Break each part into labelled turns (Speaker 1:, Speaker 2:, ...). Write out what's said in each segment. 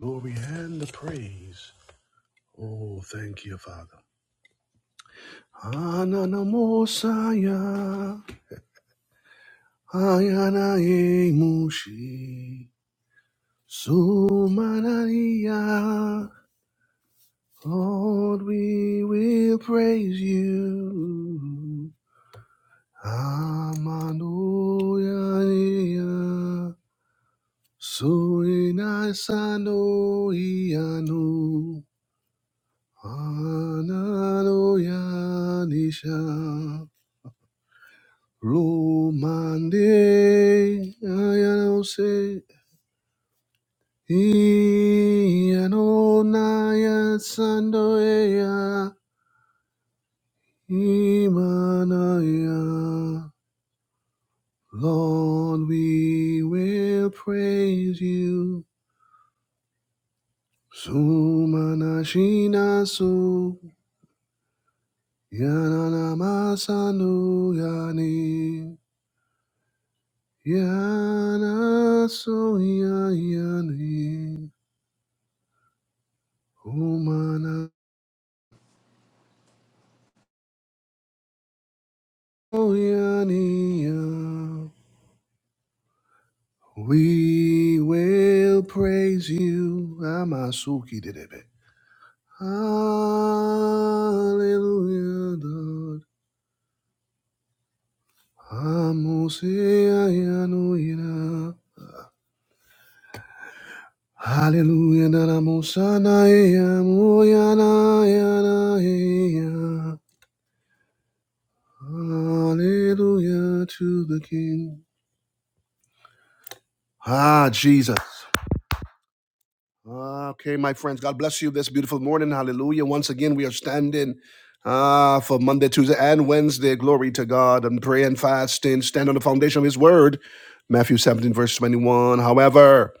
Speaker 1: glory and the praise. Oh, thank you, Father. Ananamosaya, ayanae mushi, sumanaya. Lord, we will praise you. Amanoyaniya, suinaisanoiyanu, ananoyanisha. Romande, Ayanose, Ianonaya Sandoya, Imanaya. Lord, we will praise you. Sumanashinasu, Yananamasanu Yani, Yanasu Yani, Humana. Oyaniya, We will praise you. Amasuki dedebe. Hallelujah, Lord. Amuseyayanuira. Hallelujah, Naramusana Naramusanaya, Moyanaya. Hallelujah to the King. Ah, Jesus. Okay, my friends, God bless you this beautiful morning. Hallelujah. Once again, we are standing uh, for Monday, Tuesday, and Wednesday. Glory to God and pray and fast and stand on the foundation of His Word. Matthew 17, verse 21. However,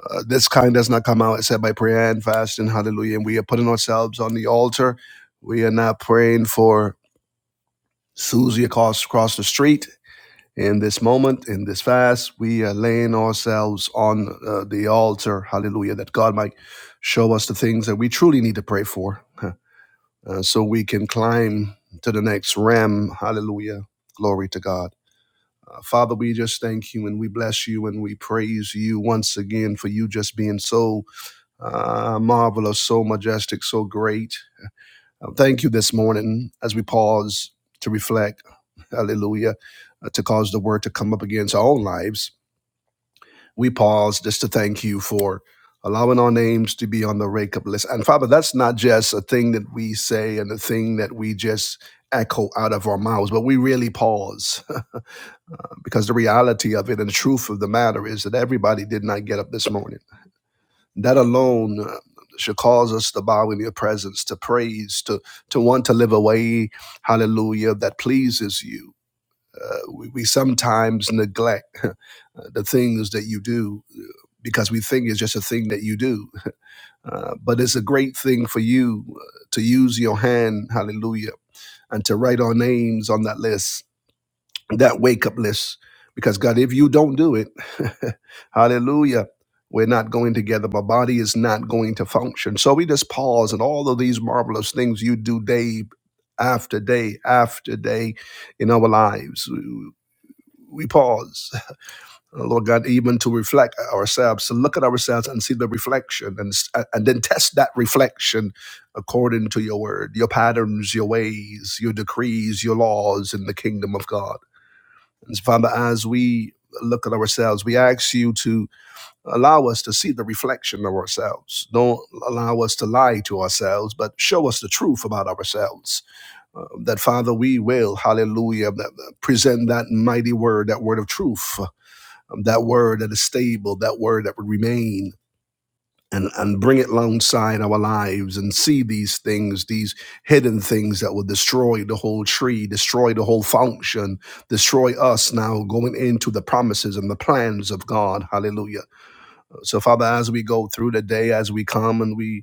Speaker 1: uh, this kind does not come out except by prayer and fasting. Hallelujah. And we are putting ourselves on the altar. We are not praying for Susie across, across the street. In this moment, in this fast, we are laying ourselves on uh, the altar, hallelujah, that God might show us the things that we truly need to pray for huh, uh, so we can climb to the next ram, hallelujah. Glory to God. Uh, Father, we just thank you and we bless you and we praise you once again for you just being so uh, marvelous, so majestic, so great. Uh, thank you this morning as we pause to reflect, hallelujah, uh, to cause the word to come up against our own lives we pause just to thank you for allowing our names to be on the wake up list. And Father, that's not just a thing that we say and a thing that we just echo out of our mouths, but we really pause because the reality of it and the truth of the matter is that everybody did not get up this morning. That alone uh, should cause us to bow in your presence, to praise, to to want to live a way, hallelujah, that pleases you uh, we, we sometimes neglect uh, the things that you do uh, because we think it's just a thing that you do. Uh, but it's a great thing for you uh, to use your hand, hallelujah, and to write our names on that list, that wake up list. Because, God, if you don't do it, hallelujah, we're not going together. My body is not going to function. So we just pause, and all of these marvelous things you do day after day after day in our lives we pause, uh, Lord God, even to reflect ourselves, to look at ourselves and see the reflection, and uh, and then test that reflection according to your word, your patterns, your ways, your decrees, your laws in the kingdom of God. And so, Father, as we look at ourselves, we ask you to allow us to see the reflection of ourselves. Don't allow us to lie to ourselves, but show us the truth about ourselves. Uh, that Father, we will, hallelujah, present that mighty word, that word of truth um, that word that is stable, that word that would remain. And, and bring it alongside our lives and see these things, these hidden things that will destroy the whole tree, destroy the whole function, destroy us now going into the promises and the plans of God. Hallelujah. So, Father, as we go through the day, as we come and we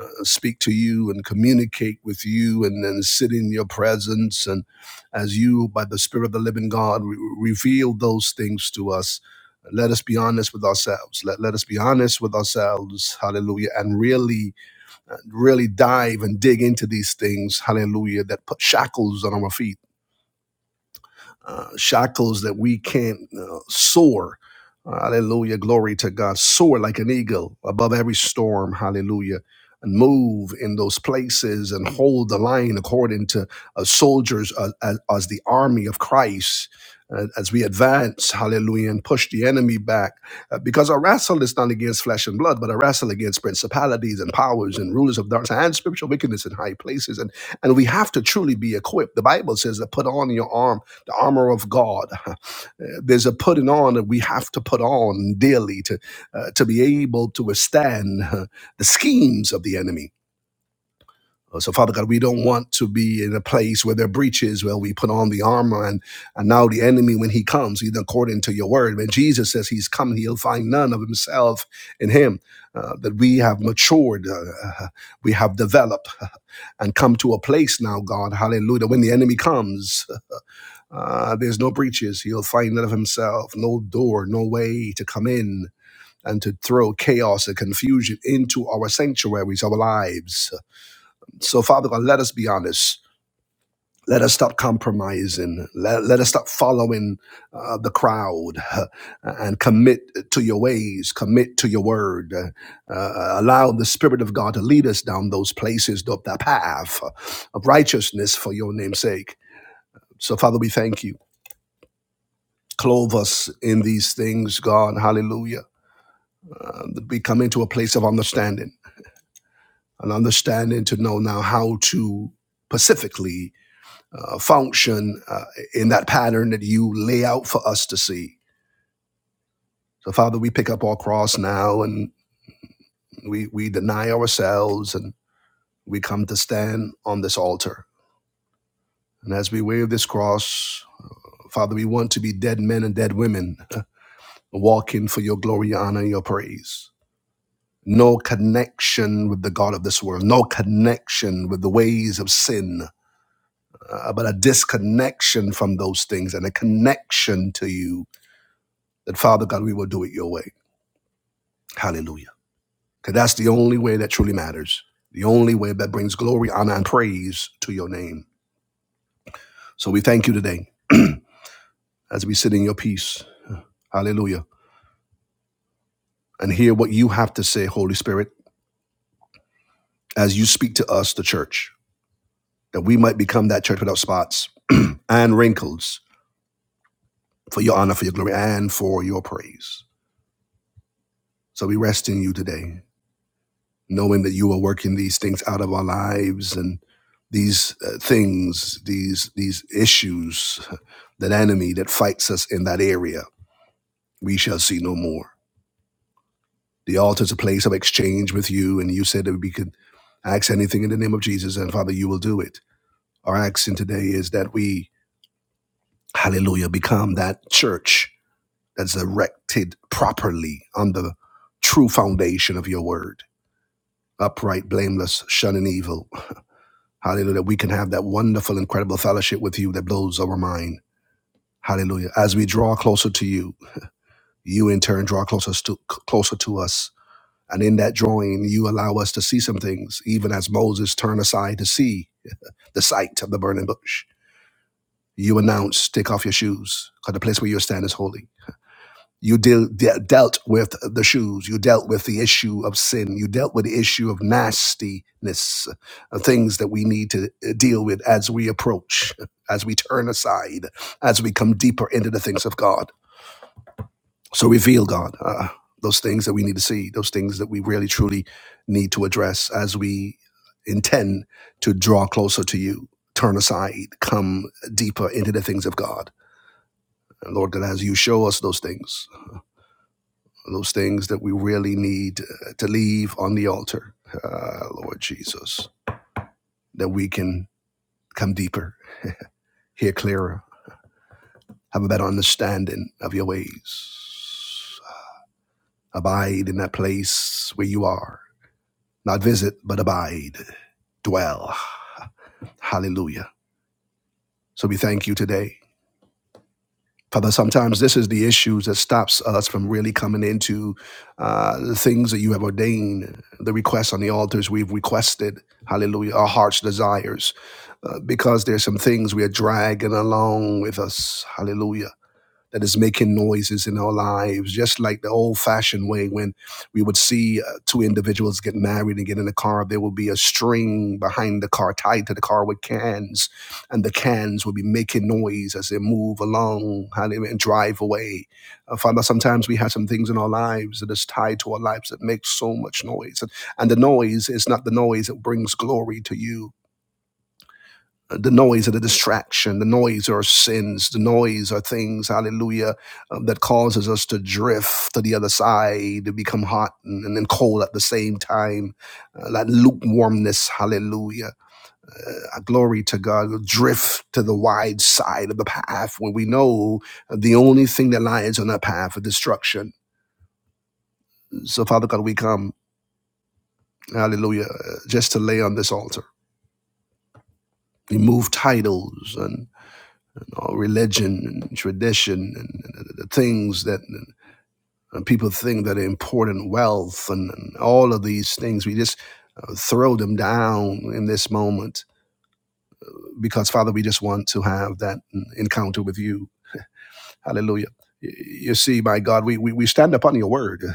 Speaker 1: uh, speak to you and communicate with you and then sit in your presence. And as you, by the Spirit of the living God, re- reveal those things to us, let us be honest with ourselves. Let, let us be honest with ourselves. Hallelujah. And really, uh, really dive and dig into these things. Hallelujah. That put shackles on our feet uh, shackles that we can't uh, soar. Hallelujah. Glory to God. Soar like an eagle above every storm. Hallelujah. And move in those places and hold the line according to uh, soldiers uh, as, as the army of Christ. uh, As we advance, hallelujah, and push the enemy back. Uh, because our wrestle is not against flesh and blood, but our wrestle against principalities and powers and rulers of darkness and spiritual wickedness in high places. And, and we have to truly be equipped. The Bible says that put on your arm the armor of God. Uh, There's a putting on that we have to put on daily to, uh, to be able to withstand uh, the schemes of the enemy. Uh, So, Father God, we don't want to be in a place where there are breaches, where we put on the armor, and, and now the enemy, when he comes, even according to your word, when Jesus says he's coming, he'll find none of himself in him. Uh, that we have matured, uh, uh, we have developed, uh, and come to a place now, God, hallelujah, when the enemy comes. Uh, there's no breaches. He'll find none of himself, no door, no way to come in and to throw chaos and confusion into our sanctuaries, our lives. So, Father God, let us be honest. Let us stop compromising. Let, let us stop following uh, the crowd uh, and commit to your ways, commit to your word. Uh, allow the Spirit of God to lead us down those places, up that path of righteousness for your name's sake. So, Father, we thank you. Clothe us in these things, God. Hallelujah. Uh, be coming to a place of understanding, an understanding to know now how to pacifically uh, function uh, in that pattern that you lay out for us to see. So, Father, we pick up our cross now and we, we deny ourselves and we come to stand on this altar. And as we wave this cross, Father, we want to be dead men and dead women, uh, walking for your glory, honor, and your praise. no connection with the God of this world, no connection with the ways of sin, uh, but a disconnection from those things and a connection to you that, Father God, we will do it your way. Hallelujah. Because that's the only way that truly matters, the only way that brings glory, honor, and praise to your name. So we thank you today as we sit in your peace. Hallelujah. And hear what you have to say, Holy Spirit, as you speak to us, the church, that we might become that church without spots and wrinkles for your honor, for your glory, and for your praise. So we rest in you today, knowing that you are working these things out of our lives and these uh, things, these these issues, that enemy that fights us in that area, we shall see no more. The altar is a place of exchange with you, and you said that we could ask anything in the name of Jesus, and Father, you will do it. Our action today is that we, hallelujah, become that church that's erected properly on the true foundation of your word upright, blameless, shunning evil. Hallelujah. We can have that wonderful, incredible fellowship with you that blows our mind. Hallelujah. As we draw closer to you, you in turn draw closer to, closer to us. And in that drawing, you allow us to see some things, even as Moses turned aside to see the sight of the burning bush. You announce, take off your shoes, because the place where you stand is holy. You deal, de- dealt with the shoes. You dealt with the issue of sin. You dealt with the issue of nastiness, uh, things that we need to uh, deal with as we approach, as we turn aside, as we come deeper into the things of God. So reveal God uh, those things that we need to see, those things that we really truly need to address as we intend to draw closer to you. Turn aside, come deeper into the things of God. And Lord God, as you show us those things, those things that we really need uh, to leave on the altar, uh, Lord Jesus, that we can come deeper, hear clearer, have a better understanding of your ways. Abide in that place where you are, not visit, but abide, dwell. Hallelujah. So we thank you today. Father, sometimes this is the issues that stops us from really coming into uh, the things that you have ordained, the requests on the altars we've requested. Hallelujah. Our heart's desires. Uh, because there's some things we are dragging along with us. Hallelujah that is making noises in our lives, just like the old fashioned way when we would see uh, two individuals get married and get in a car, there would be a string behind the car tied to the car with cans, and the cans would be making noise as they move along and drive away. Uh, Father, sometimes we have some things in our lives that is tied to our lives that make so much noise. And, and the noise is not the noise that brings glory to you the noise of the distraction, the noise are sins, the noise are things, hallelujah, um, that causes us to drift to the other side, to become hot and, and then cold at the same time. Uh, that lukewarmness, hallelujah. Uh, glory to God, we'll drift to the wide side of the path when we know the only thing that lies on that path is destruction. So, Father God, we come, hallelujah, uh, just to lay on this altar. We move titles and uh, religion and tradition and, and the things that and people think that are important, wealth and, and all of these things. We just uh, throw them down in this moment because, Father, we just want to have that encounter with you. Hallelujah. You see, my God, we, we, we stand upon your word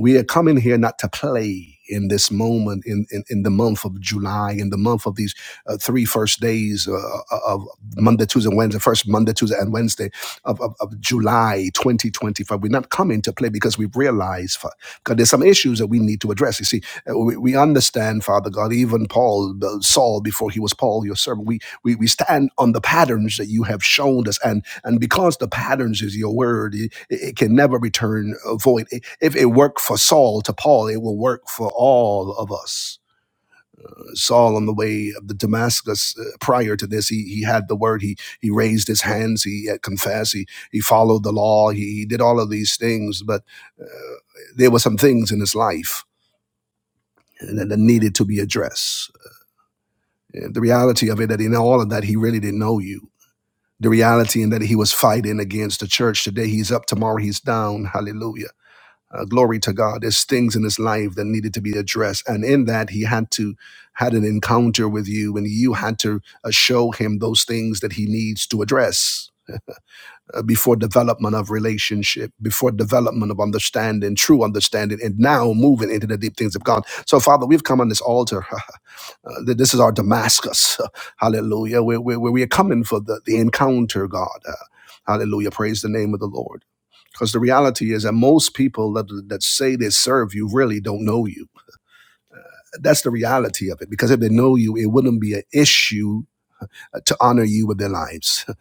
Speaker 1: we are coming here not to play in this moment in, in, in the month of july in the month of these uh, three first days uh, uh, of monday tuesday wednesday first monday tuesday and wednesday of, of, of july 2025 we're not coming to play because we've realized fa- god there's some issues that we need to address you see uh, we, we understand father god even paul uh, saul before he was paul your servant we, we we stand on the patterns that you have shown us and. And because the patterns is your word, it, it can never return uh, void. If it worked for Saul to Paul, it will work for all of us. Saul on the way of the Damascus, uh, prior to this, he, he had the word. He he raised his hands. He had confessed. He he followed the law. He, he did all of these things, but uh, there were some things in his life that, needed to be addressed. Uh, The reality of it that in all of that, he really didn't know you the reality in that he was fighting against the church. Today he's up, tomorrow he's down. Hallelujah. Uh, glory to God. There's things in his life that needed to be addressed. And in that, he had to had an encounter with you and you had to uh, show him those things that he needs to address uh, before development of relationship, before development of understanding, true understanding, and now moving into the deep things of God. So, Father, we've come on this altar Uh, this is our Damascus. Hallelujah. Where, where, where we are coming for the, the encounter, God. Uh, hallelujah. Praise the name of the Lord. Because the reality is that most people that, that say they serve you really don't know you. That's the reality of it. Because if they know you, it wouldn't be an issue uh, to honor you with their lives, uh,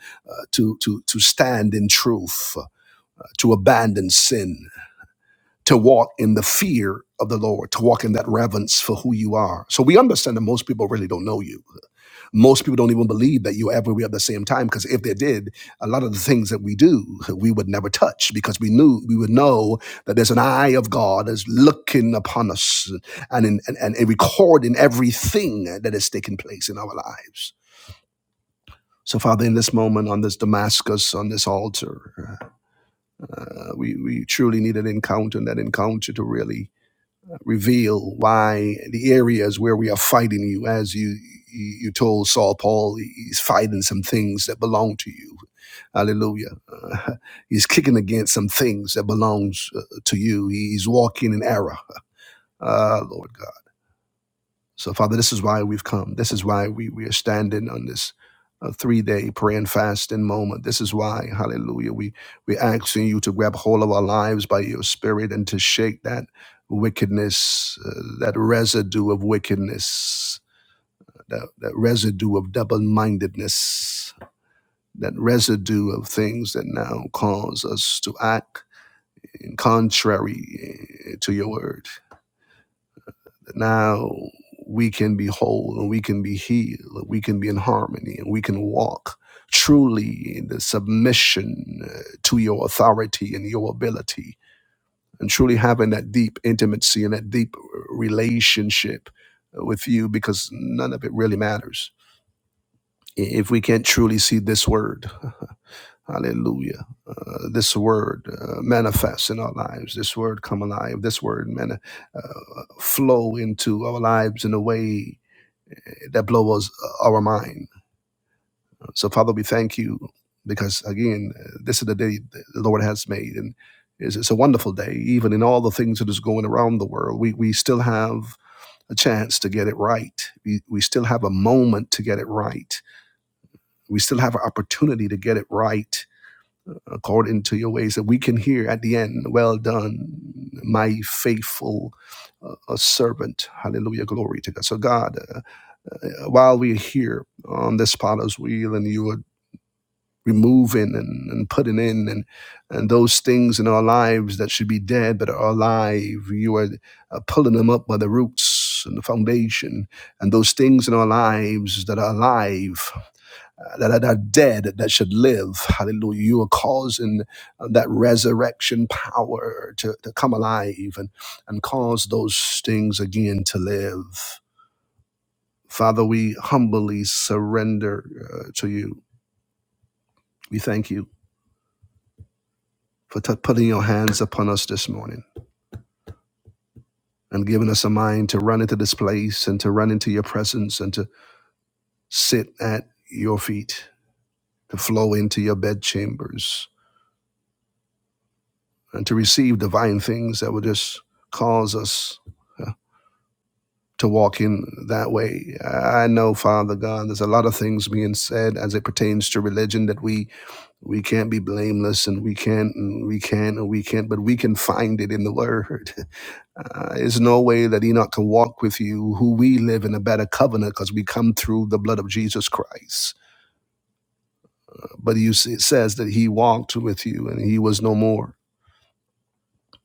Speaker 1: to, to, to stand in truth, uh, to abandon sin, to walk in the fear of the Lord, to walk in that reverence for who you are. So we understand that most people really don't know you. most people don't even believe that you ever were at the same time because if they did a lot of the things that we do we would never touch because we knew we would know that there's an eye of god is looking upon us and in, and, and recording everything that is taking place in our lives so father in this moment on this damascus on this altar uh, we, we truly need an encounter and that encounter to really reveal why the areas where we are fighting you, as you you you told Saul Paul, he's fighting some things that belong to you. Hallelujah. Uh, he's kicking against some things that belongs uh, to you. He's walking in error. Ah, Lord God. So, Father, this is why we've come. This is why we, we are standing on this uh, three day prayer and fasting moment. This is why, hallelujah, we, we're asking you to grab hold of our lives by your spirit and to shake that wickedness, uh, that residue of wickedness, that, that residue of double mindedness, that residue of things that now cause us to act in contrary eh, to your word. now we can be whole and we can be healed and we can be in harmony and we can walk truly in the submission uh, to your authority and your ability and truly having that deep intimacy and that deep uh, relationship uh, with you because none of it really matters i- if we can't truly see this word hallelujah uh, this word uh, manifest in our lives this word come alive this word man, uh, flow into our lives in a way that blows our mind. So, Father, we thank you because, again, this is the day the Lord has made, and it's, it's a wonderful day. Even in all the things that is going around the world, we, we still have a chance to get it right. We, we still have a moment to get it right. We still have an opportunity to get it right according to your ways that we can hear at the end, Well done, my faithful uh, servant. Hallelujah. Glory to God. So, God, uh, uh, while we're here on this potter's wheel and you are removing and, and putting in and and those things in our lives that should be dead but are alive you are uh, pulling them up by the roots and the foundation and those things in our lives that are alive uh, that are, that are dead that should live hallelujah you are causing uh, that resurrection power to, to come alive and and cause those things again to live Father, we humbly surrender uh, to you. We thank you for t- putting your hands upon us this morning and giving us a mind to run into this place and to run into your presence and to sit at your feet, to flow into your bedchambers and to receive divine things that will just cause us uh, to walk in that way. I know, Father God, there's a lot of things being said as it pertains to religion that we We can't be blameless, and we can't, and we can't, and we can't, but we can find it in the Word. Uh, there's no way that Enoch can walk with you, who we live in a better covenant, because we come through the blood of Jesus Christ. But you see, it says that he walked with you, and he was no more.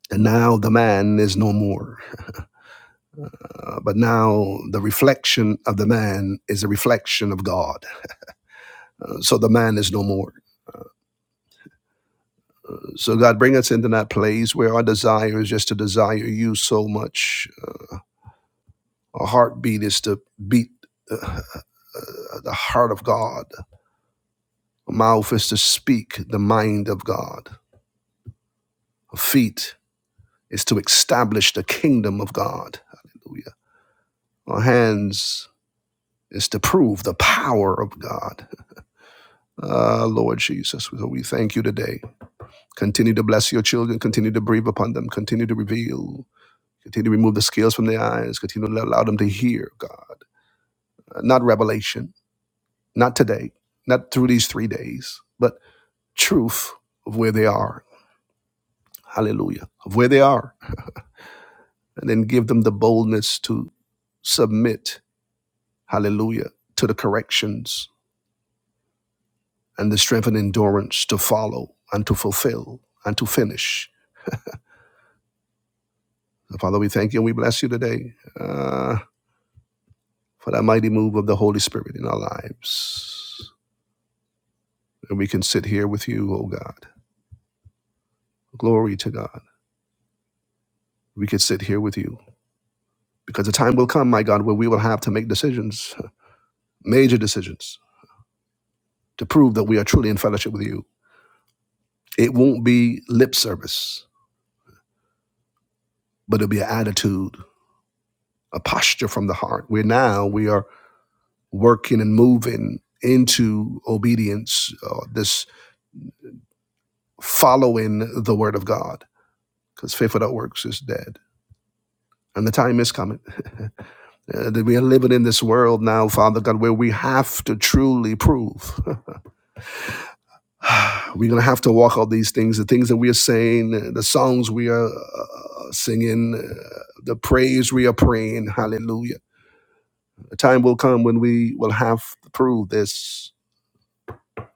Speaker 1: And now the man is no more. Uh, but now the reflection of the man is a reflection of God. Uh, so the man is no more. So God, bring us into that place where our desire is just to desire you so much A heartbeat is to beat uh, uh, the heart of God. A mouth is to speak the mind of God. A feet is to establish the kingdom of God. Hallelujah. Our hands is to prove the power of God. Ah, Lord Jesus, so we thank you today. Continue to bless your children. Continue to breathe upon them. Continue to reveal. Continue to remove the scales from their eyes. Continue to allow them to hear, God. Not revelation, not today, not through these three days, but truth of where they are. Hallelujah. Of where they are. And then give them the boldness to submit. Hallelujah. To the corrections and the strength and endurance to follow and to fulfill and to finish. So Father, we thank you and we bless you today uh, for that mighty move of the Holy Spirit in our lives. And we can sit here with you, oh God. Glory to God. We can sit here with you because the time will come, my God, where we will have to make decisions, major decisions to prove that we are truly in fellowship with you. It won't be lip service, but it'll be an attitude, a posture from the heart. Where now we are working and moving into obedience, uh, this following the word of God, because faith without works is dead. And the time is coming uh, that we are living in this world now, Father God, where we have to truly prove. we're going to have to walk out these things the things that we are saying the songs we are uh, singing uh, the praise we are praying hallelujah a time will come when we will have to prove this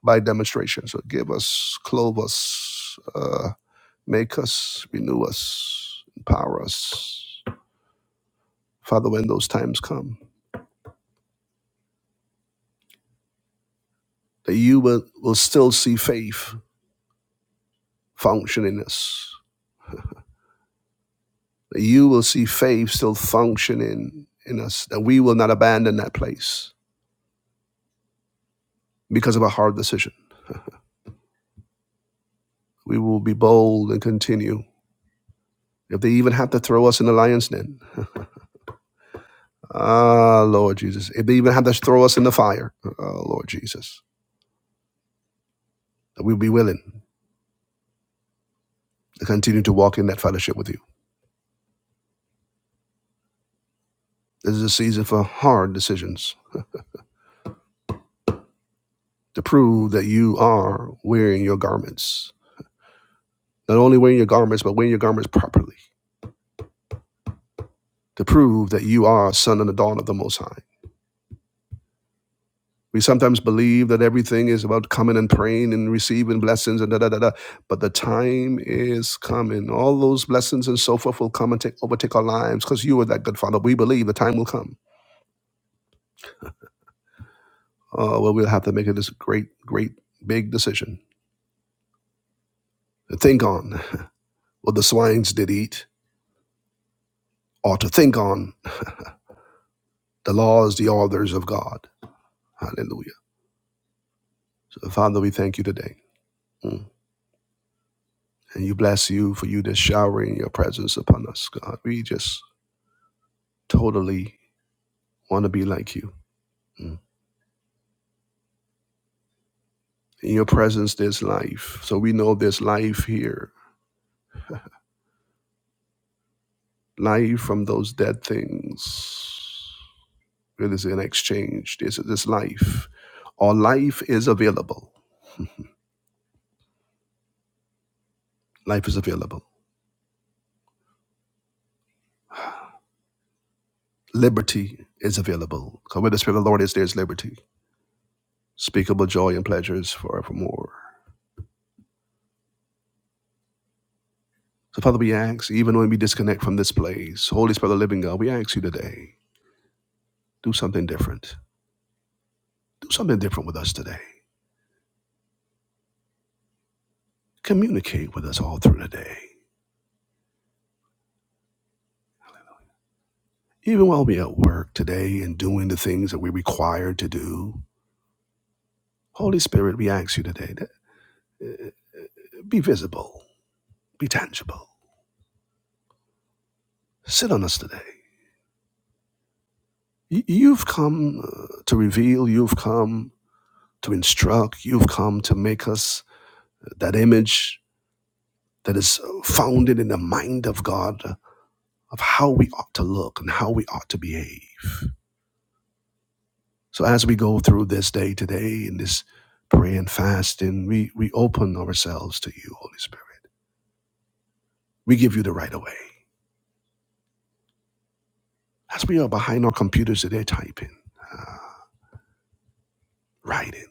Speaker 1: by demonstration so give us clothe us uh, make us renew us empower us father when those times come that you will, will still see faith function in us that you will see faith still functioning in us, that we will not abandon that place because of a hard decision. We will be bold and continue. If they even have to throw us in the lion's den, ah, Lord Jesus. If they even have to throw us in the fire, oh, Lord Jesus, that we'll be willing to continue to walk in that fellowship with you. This is a season for hard decisions to prove that you are wearing your garments. Not only wearing your garments, but wearing your garments properly to prove that you are a son and a daughter of the Most High We sometimes believe that everything is about coming and praying and receiving blessings and da da da da. But the time is coming. All those blessings and so forth will come and take, overtake our lives because you are that good father. We believe the time will come uh, where we'll have to make this great, great, big decision. To think on what the swines did eat, or to think on the laws, the orders of God. Hallelujah. So, Father, we thank you today. Mm. And you bless you for you just showering your presence upon us, God. We just totally want to be like you. Mm. In your presence, there's life. So we know there's life here, life from those dead things. It is an exchange. There's, there's life. Our life is available. Life is available. Liberty is available. So where the Spirit of the Lord is, there's liberty. Speakable joy and pleasures forevermore. So, Father, we ask, even when we disconnect from this place, Holy Spirit of the living God, we ask you today, do something different. Do something different with us today. Communicate with us all through the day. Even while we're at work today and doing the things that we're required to do, Holy Spirit, we ask you today that uh, be visible, be tangible. Sit on us today. You've come uh, to reveal, you've come to instruct, you've come to make us that image that is founded in the mind of God of how we ought to look and how we ought to behave. So as we go through this day today in this prayer and fasting, we, we open ourselves to you, Holy Spirit. We give you the right of way. As we are behind our computers today, typing, uh, writing,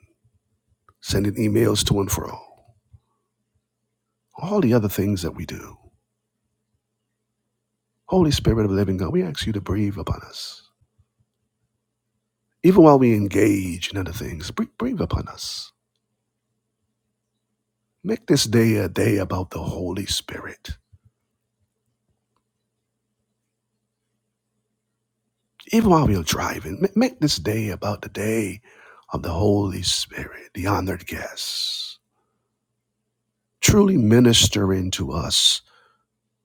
Speaker 1: sending emails to and fro, all the other things that we do. Holy Spirit of the living God, we ask you to breathe upon us. Even while we engage in other things, breathe upon us. Make this day a day about the Holy Spirit. Even while we are driving, make this day about the day of the Holy Spirit, the honored guests, truly ministering to us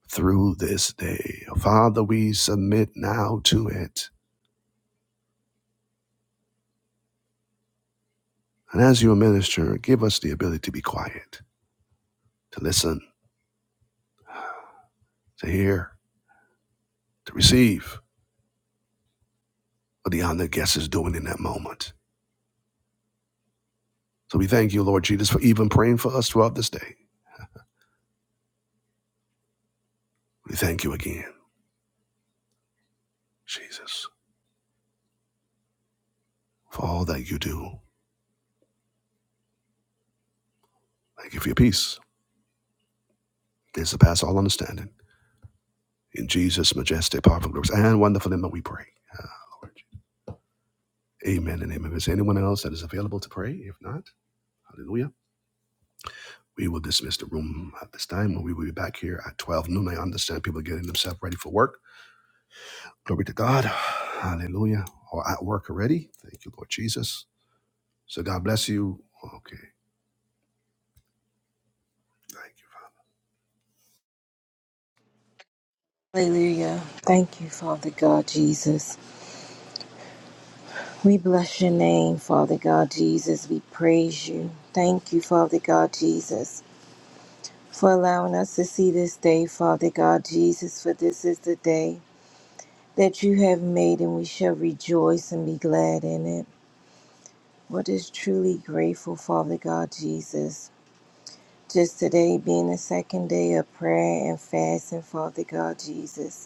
Speaker 1: through this day. Father, we submit now to it. And as your minister, give us the ability to be quiet, to listen, to hear, to receive what the honored guest is doing in that moment. So we thank you, Lord Jesus, for even praying for us throughout this day. We thank you again, Jesus, for all that you do. Thank you for your peace. It surpasses all understanding. In Jesus' majestic, powerful, glorious, and wonderful name that we pray. Ah, Lord. Amen and amen. Is there anyone else that is available to pray? If not, hallelujah. We will dismiss the room at this time. We will be back here at 12 noon. I understand people are getting themselves ready for work. Glory to God. Hallelujah. Or at work already. Thank you, Lord Jesus. So God bless you. Okay. Thank
Speaker 2: Hallelujah. Thank you, Father God Jesus. We bless your name, Father God Jesus. We praise you. Thank you, Father God Jesus, for allowing us to see this day, Father God Jesus, for this is the day that you have made and we shall rejoice and be glad in it. What is truly grateful, Father God Jesus. Just today being the second day of prayer and fasting, Father God Jesus.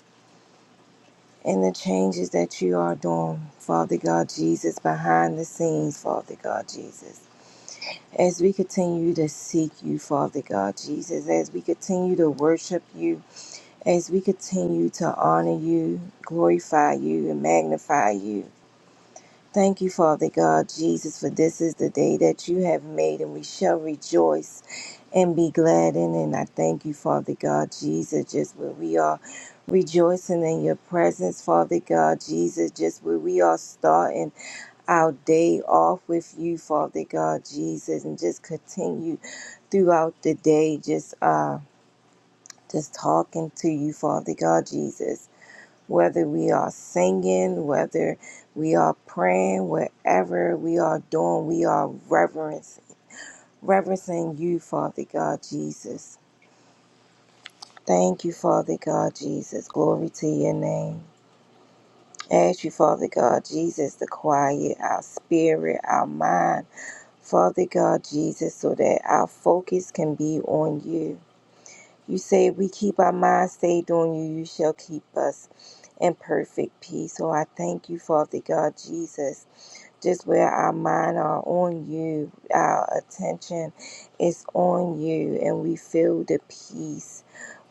Speaker 2: and the changes that you are doing, Father God Jesus, behind the scenes, Father God Jesus. As we continue to seek you, Father God Jesus, as we continue to worship you, as we continue to honor you, glorify you, and magnify you, Thank you, Father God, Jesus, for this is the day that you have made, and we shall rejoice and be glad in it. And I thank you, Father God, Jesus, just where we are rejoicing in your presence, Father God, Jesus, just where we are starting our day off with you, Father God, Jesus, and just continue throughout the day, just uh just talking to you, Father God, Jesus whether we are singing, whether we are praying, whatever we are doing, we are reverencing, reverencing you, Father God Jesus. Thank you, Father God Jesus. Glory to your name. Ask you, Father God Jesus, to quiet our spirit, our mind, Father God Jesus, so that our focus can be on you. You say if we keep our mind stayed on you, you shall keep us in perfect peace. So I thank you, Father God Jesus, just where our mind are on you, our attention is on you, and we feel the peace.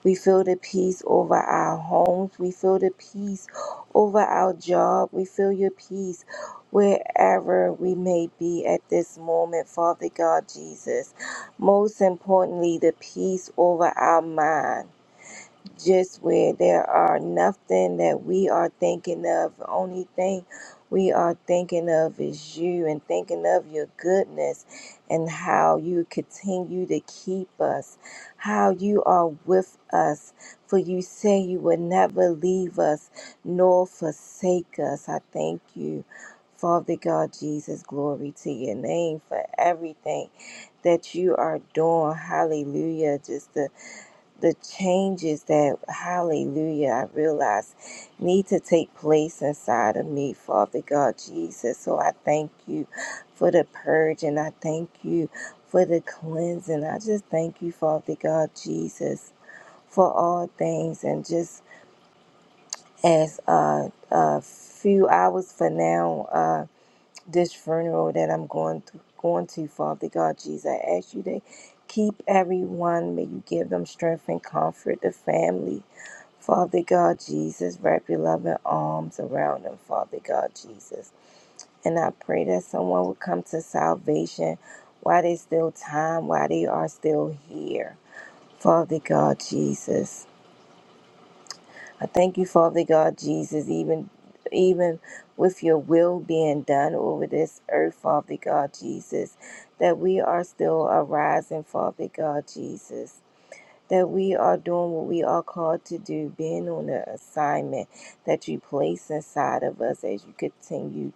Speaker 2: We feel the peace over our homes. We feel the peace over our job. We feel your peace wherever we may be at this moment, Father God Jesus. Most importantly, the peace over our mind just where there are nothing that we are thinking of. The Only thing we are thinking of is you and thinking of your goodness and how you continue to keep us, how you are with us. For you say you will never leave us nor forsake us. I thank you. Father God Jesus, glory to your name for everything that you are doing. Hallelujah. Just the the changes that, hallelujah, I realize need to take place inside of me, Father God Jesus. So I thank you for the purge and I thank you for the cleansing. I just thank you, Father God Jesus, for all things. And just as uh, a few hours for now, uh, this funeral that I'm going to, going to, Father God Jesus, I ask you to keep everyone. May you give them strength and comfort, the family. Father God Jesus, wrap your loving arms around them, Father God Jesus. And I pray that someone will come to salvation while there's still time, while they are still here. Father God Jesus. I thank you, Father God Jesus, even even with your will being done over this earth, Father God Jesus, that we are still arising, Father God Jesus that we are doing what we are called to do, being on the assignment that you place inside of us as you continue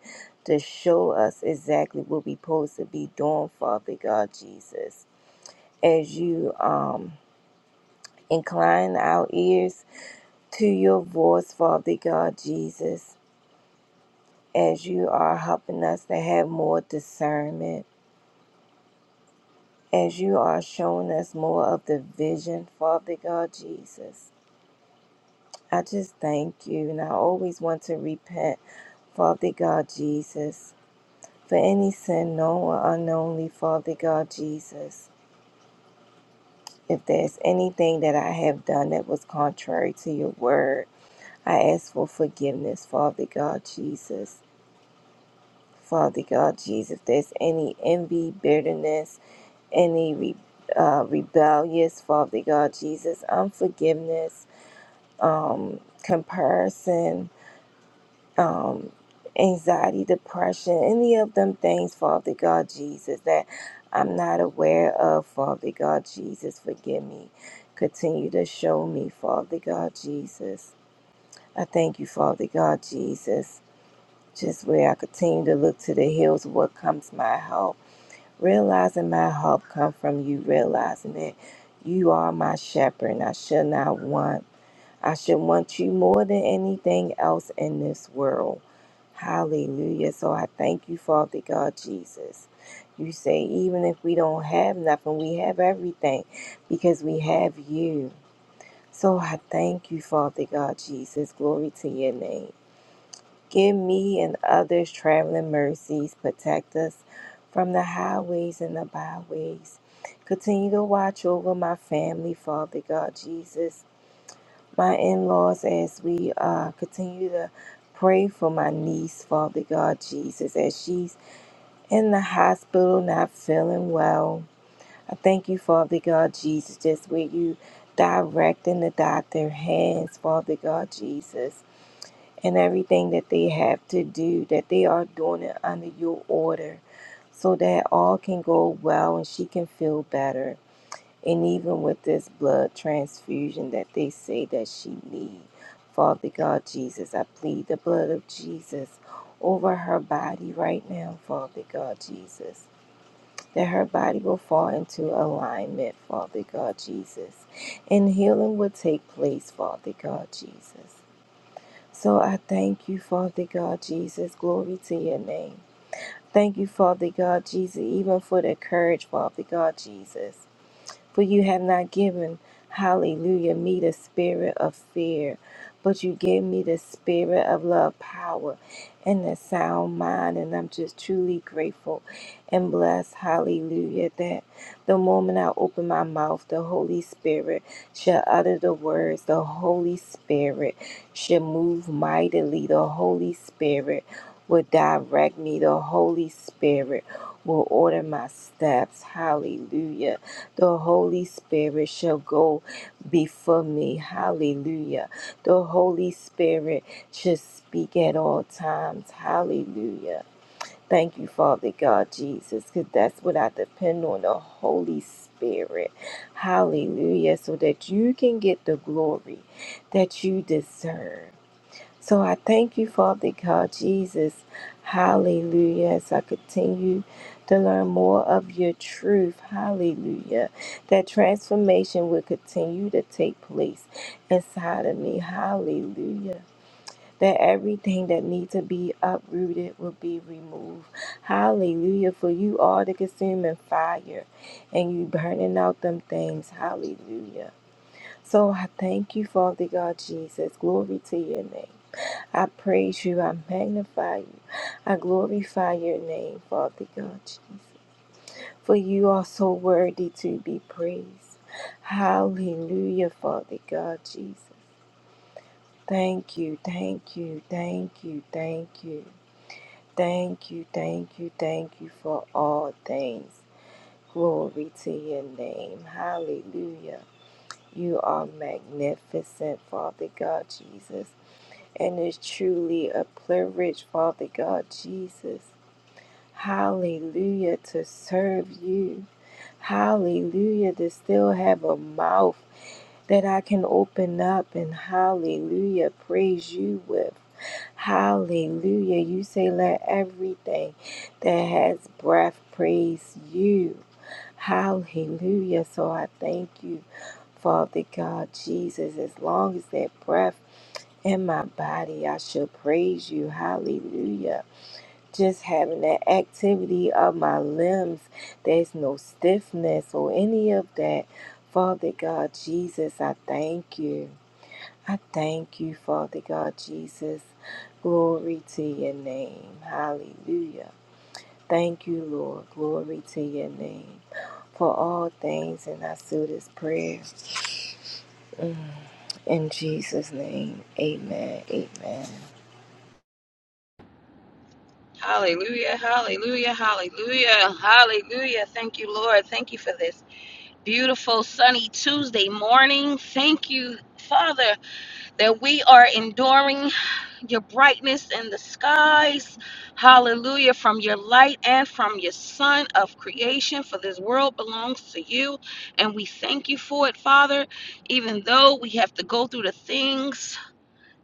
Speaker 2: to show us exactly what we're supposed to be doing, Father God Jesus. As you um, incline our ears to your voice, Father God Jesus, as you are helping us to have more discernment, as you are showing us more of the vision, Father God Jesus I just thank you, and I always want to repent, Father God Jesus, for any sin known or unknownly, Father God Jesus. If there's anything that I have done that was contrary to your word, I ask for forgiveness, Father God Jesus. Father God Jesus, if there's any envy, bitterness, any re- uh, rebellious, Father God Jesus, unforgiveness, um, comparison, um, anxiety, depression, any of them things, Father God Jesus, that I'm not aware of, Father God Jesus, forgive me. Continue to show me, Father God Jesus. I thank you, Father God Jesus, just where I continue to look to the hills, what comes my help. Realizing my help come from you, realizing that you are my shepherd and I shall not want. I should want you more than anything else in this world. Hallelujah. So I thank you, Father God Jesus. You say, even if we don't have nothing, we have everything because we have you. So I thank you, Father God Jesus. Glory to your name. Give me and others traveling mercies. Protect us from the highways and the byways. Continue to watch over my family, Father God Jesus my in-laws as we uh, continue to pray for my niece father god jesus as she's in the hospital not feeling well i thank you father god jesus just where you directing the doctor hands father god jesus and everything that they have to do that they are doing it under your order so that all can go well and she can feel better and even with this blood transfusion that they say that she needs, father god jesus i plead the blood of jesus over her body right now father god jesus that her body will fall into alignment father god jesus and healing will take place father god jesus so i thank you father god jesus glory to your name Thank you, Father God Jesus, even for the courage, Father God Jesus. For you have not given, hallelujah, me the spirit of fear, but you gave me the spirit of love, power, and a sound mind. And I'm just truly grateful and blessed, hallelujah, that the moment I open my mouth, the Holy Spirit shall utter the words. The Holy Spirit shall move mightily. The Holy Spirit will direct me. The Holy Spirit will order my steps. Hallelujah. The Holy Spirit shall go before me. Hallelujah. The Holy Spirit shall speak at all times. Hallelujah. Thank you, Father God, Jesus, because that's what I depend on the Holy Spirit. Hallelujah. So that you can get the glory that you deserve. So I thank you, Father God, Jesus. Hallelujah. As I continue to learn more of your truth, hallelujah, that transformation will continue to take place inside of me, hallelujah. That everything that needs to be uprooted will be removed. Hallelujah. For you are the consuming fire and you burning out them things. Hallelujah. So I thank you, Father God Jesus. Glory to your name. I praise you. I magnify you. I glorify your name, Father God. For you are so worthy to be praised. Hallelujah, Father God, Jesus. Thank you, thank you, thank you, thank you. Thank you, thank you, thank you for all things. Glory to your name. Hallelujah. You are magnificent, Father God, Jesus. And it's truly a privilege, Father God, Jesus Hallelujah to serve you. Hallelujah to still have a mouth that I can open up and hallelujah praise you with. Hallelujah. You say, let everything that has breath praise you. Hallelujah. So I thank you, Father God, Jesus. As long as that breath in my body, I shall praise you. Hallelujah just having that activity of my limbs. There's no stiffness or any of that. Father God Jesus, I thank you. I thank you, Father God Jesus. Glory to your name. Hallelujah. Thank you, Lord. Glory to your name. For all things, and I seal this prayer in Jesus' name. Amen. Amen.
Speaker 3: Hallelujah, hallelujah, hallelujah, hallelujah. Thank you, Lord. Thank you for this beautiful sunny Tuesday morning. Thank you, Father, that we are enduring your brightness in the skies. Hallelujah, from your light and from your sun of creation, for this world belongs to you. And we thank you for it, Father, even though we have to go through the things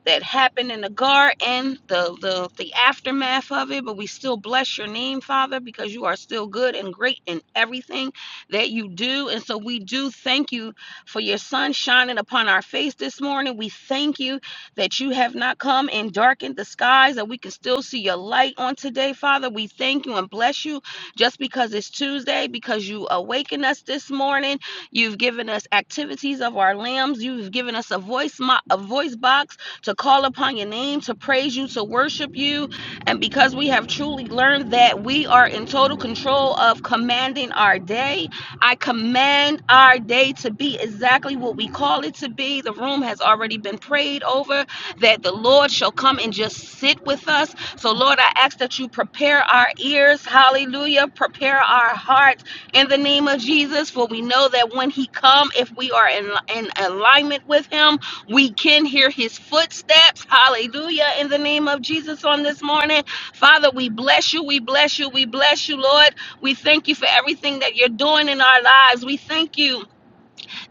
Speaker 3: that happened in the garden, the, the the aftermath of it, but we still bless your name, Father, because you are still good and great in everything that you do. And so we do thank you for your sun shining upon our face this morning. We thank you that you have not come and darkened the skies, that we can still see your light on today, Father. We thank you and bless you just because it's Tuesday, because you awaken us this morning. You've given us activities of our lambs. You've given us a voice, mo- a voice box to call upon your name, to praise you, to worship you. And because we have truly learned that we are in total control of commanding our day, I command our day to be exactly what we call it to be. The room has already been prayed over, that the Lord shall come and just sit with us. So, Lord, I ask that you prepare our ears. Hallelujah. Prepare our hearts in the name of Jesus. For we know that when He come, if we are in, in alignment with Him, we can hear his footsteps. Hallelujah. In the name of Jesus on this morning. Father, we bless you. We bless you. We bless you, Lord. We thank you for everything that you're doing in our lives. We thank you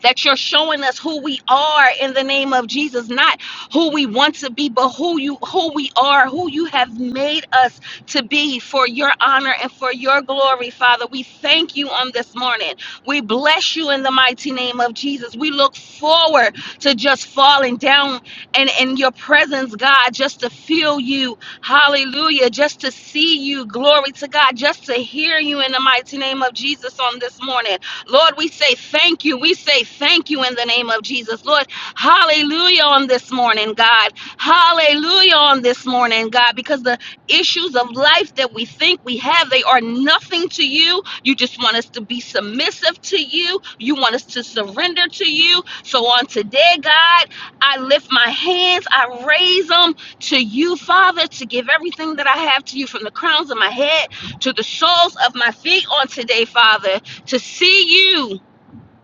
Speaker 3: that you're showing us who we are in the name of Jesus, not who we want to be, but who you who we are, who you have made us to be for your honor and for your glory, Father. We thank you on this morning. We bless you in the mighty name of Jesus. We look forward to just falling down and in your presence, God, just to feel you. Hallelujah. Just to see you. Glory to God. Just to hear you in the mighty name of Jesus on this morning. Lord, we say thank you. We say thank you in the name of Jesus. Lord, hallelujah on this morning, God. Hallelujah on this morning, God, because the issues of life that we think we have, they are nothing to you. You just want us to be submissive to you. You want us to surrender to you. So on today, God, I lift my hands, I raise them to you, Father, to give everything that I have to you from the crowns of my head to the soles of my feet on today, Father to see you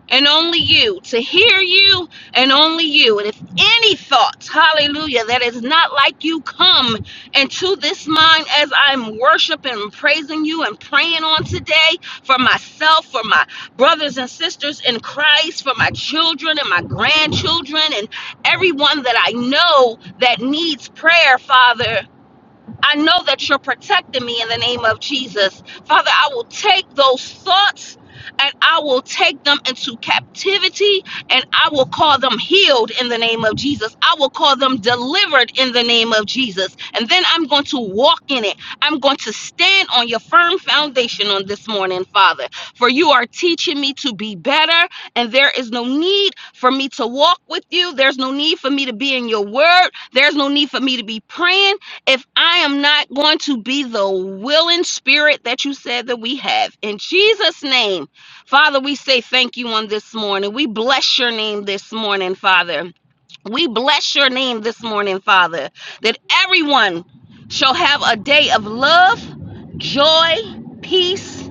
Speaker 3: and only you, to hear you and only you. And if any thoughts, hallelujah, that is not like you come into this mind as I'm worshiping and praising you and praying on today for myself, for my brothers and sisters in Christ, for my children and my grandchildren and everyone that I know that needs prayer, Father. I know that you're protecting me in the name of Jesus. Father, I will take those thoughts and I will take them into captivity and I will call them healed in the name of Jesus. I will call them delivered in the name of Jesus. And then I'm going to walk in it. I'm going to stand on your firm foundation on this morning, Father. For you are teaching me to be better and there is no need for me to walk with you. There's no need for me to be in your word. There's no need for me to be praying if I am not going to be the willing spirit that you said that we have. In Jesus' name, Father, we say thank you on this morning. We bless your name this morning, Father. We bless your name this morning, Father, that everyone shall have a day of love, joy, peace,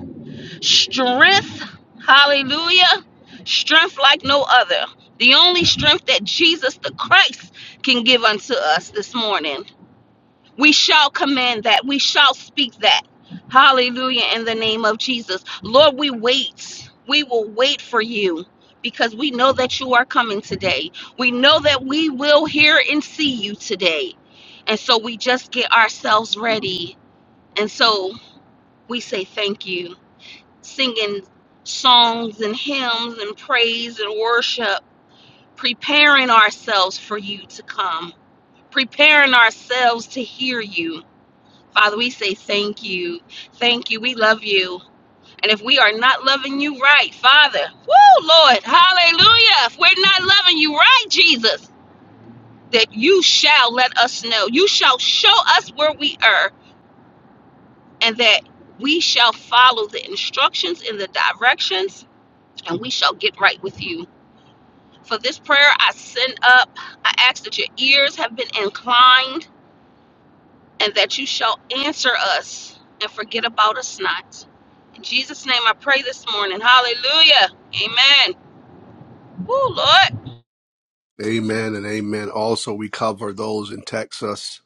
Speaker 3: strength. Hallelujah. Strength like no other. The only strength that Jesus the Christ can give unto us this morning. We shall command that. We shall speak that. Hallelujah in the name of Jesus. Lord, we wait. We will wait for you because we know that you are coming today. We know that we will hear and see you today. And so we just get ourselves ready. And so we say thank you, singing songs and hymns and praise and worship, preparing ourselves for you to come, preparing ourselves to hear you Father, we say thank you. Thank you. We love you. And if we are not loving you right, Father, woo, Lord, hallelujah. If we're not loving you right, Jesus, that you shall let us know. You shall show us where we are and that we shall follow the instructions and the directions and we shall get right with you. For this prayer, I send up. I ask that your ears have been inclined and that you shall answer us and forget about us not. In Jesus' name I pray this morning. Hallelujah. Amen. Woo, Lord.
Speaker 1: you. Amen and amen. Also, we cover those in Texas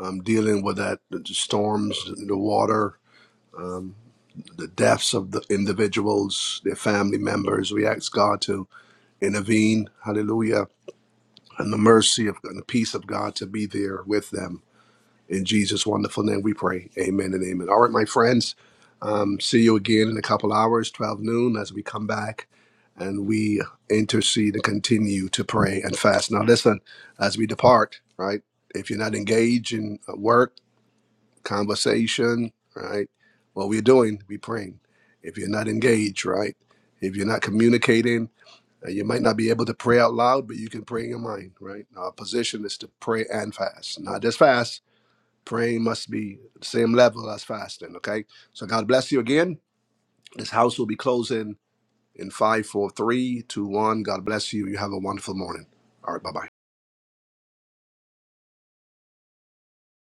Speaker 1: um, dealing with that the storms, the water, um, the deaths of the individuals, their family members. We ask God to intervene. Hallelujah. And the mercy of and the peace of God to be there with them In Jesus' wonderful name we pray. Amen and amen. All right, my friends, um, see you again in a couple hours, 12 noon, as we come back and we intercede and continue to pray and fast. Now, listen, as we depart, right? If you're not engaged in uh, work, conversation, right? What we're doing, we praying. If you're not engaged, right? If you're not communicating, uh, you might not be able to pray out loud, but you can pray in your mind, right? Our position is to pray and fast, not just fast Praying must be the same level as fasting, okay? So God bless you again. This house will be closing in five, four, three, two, one. God bless you. You have a wonderful morning. All right, bye bye.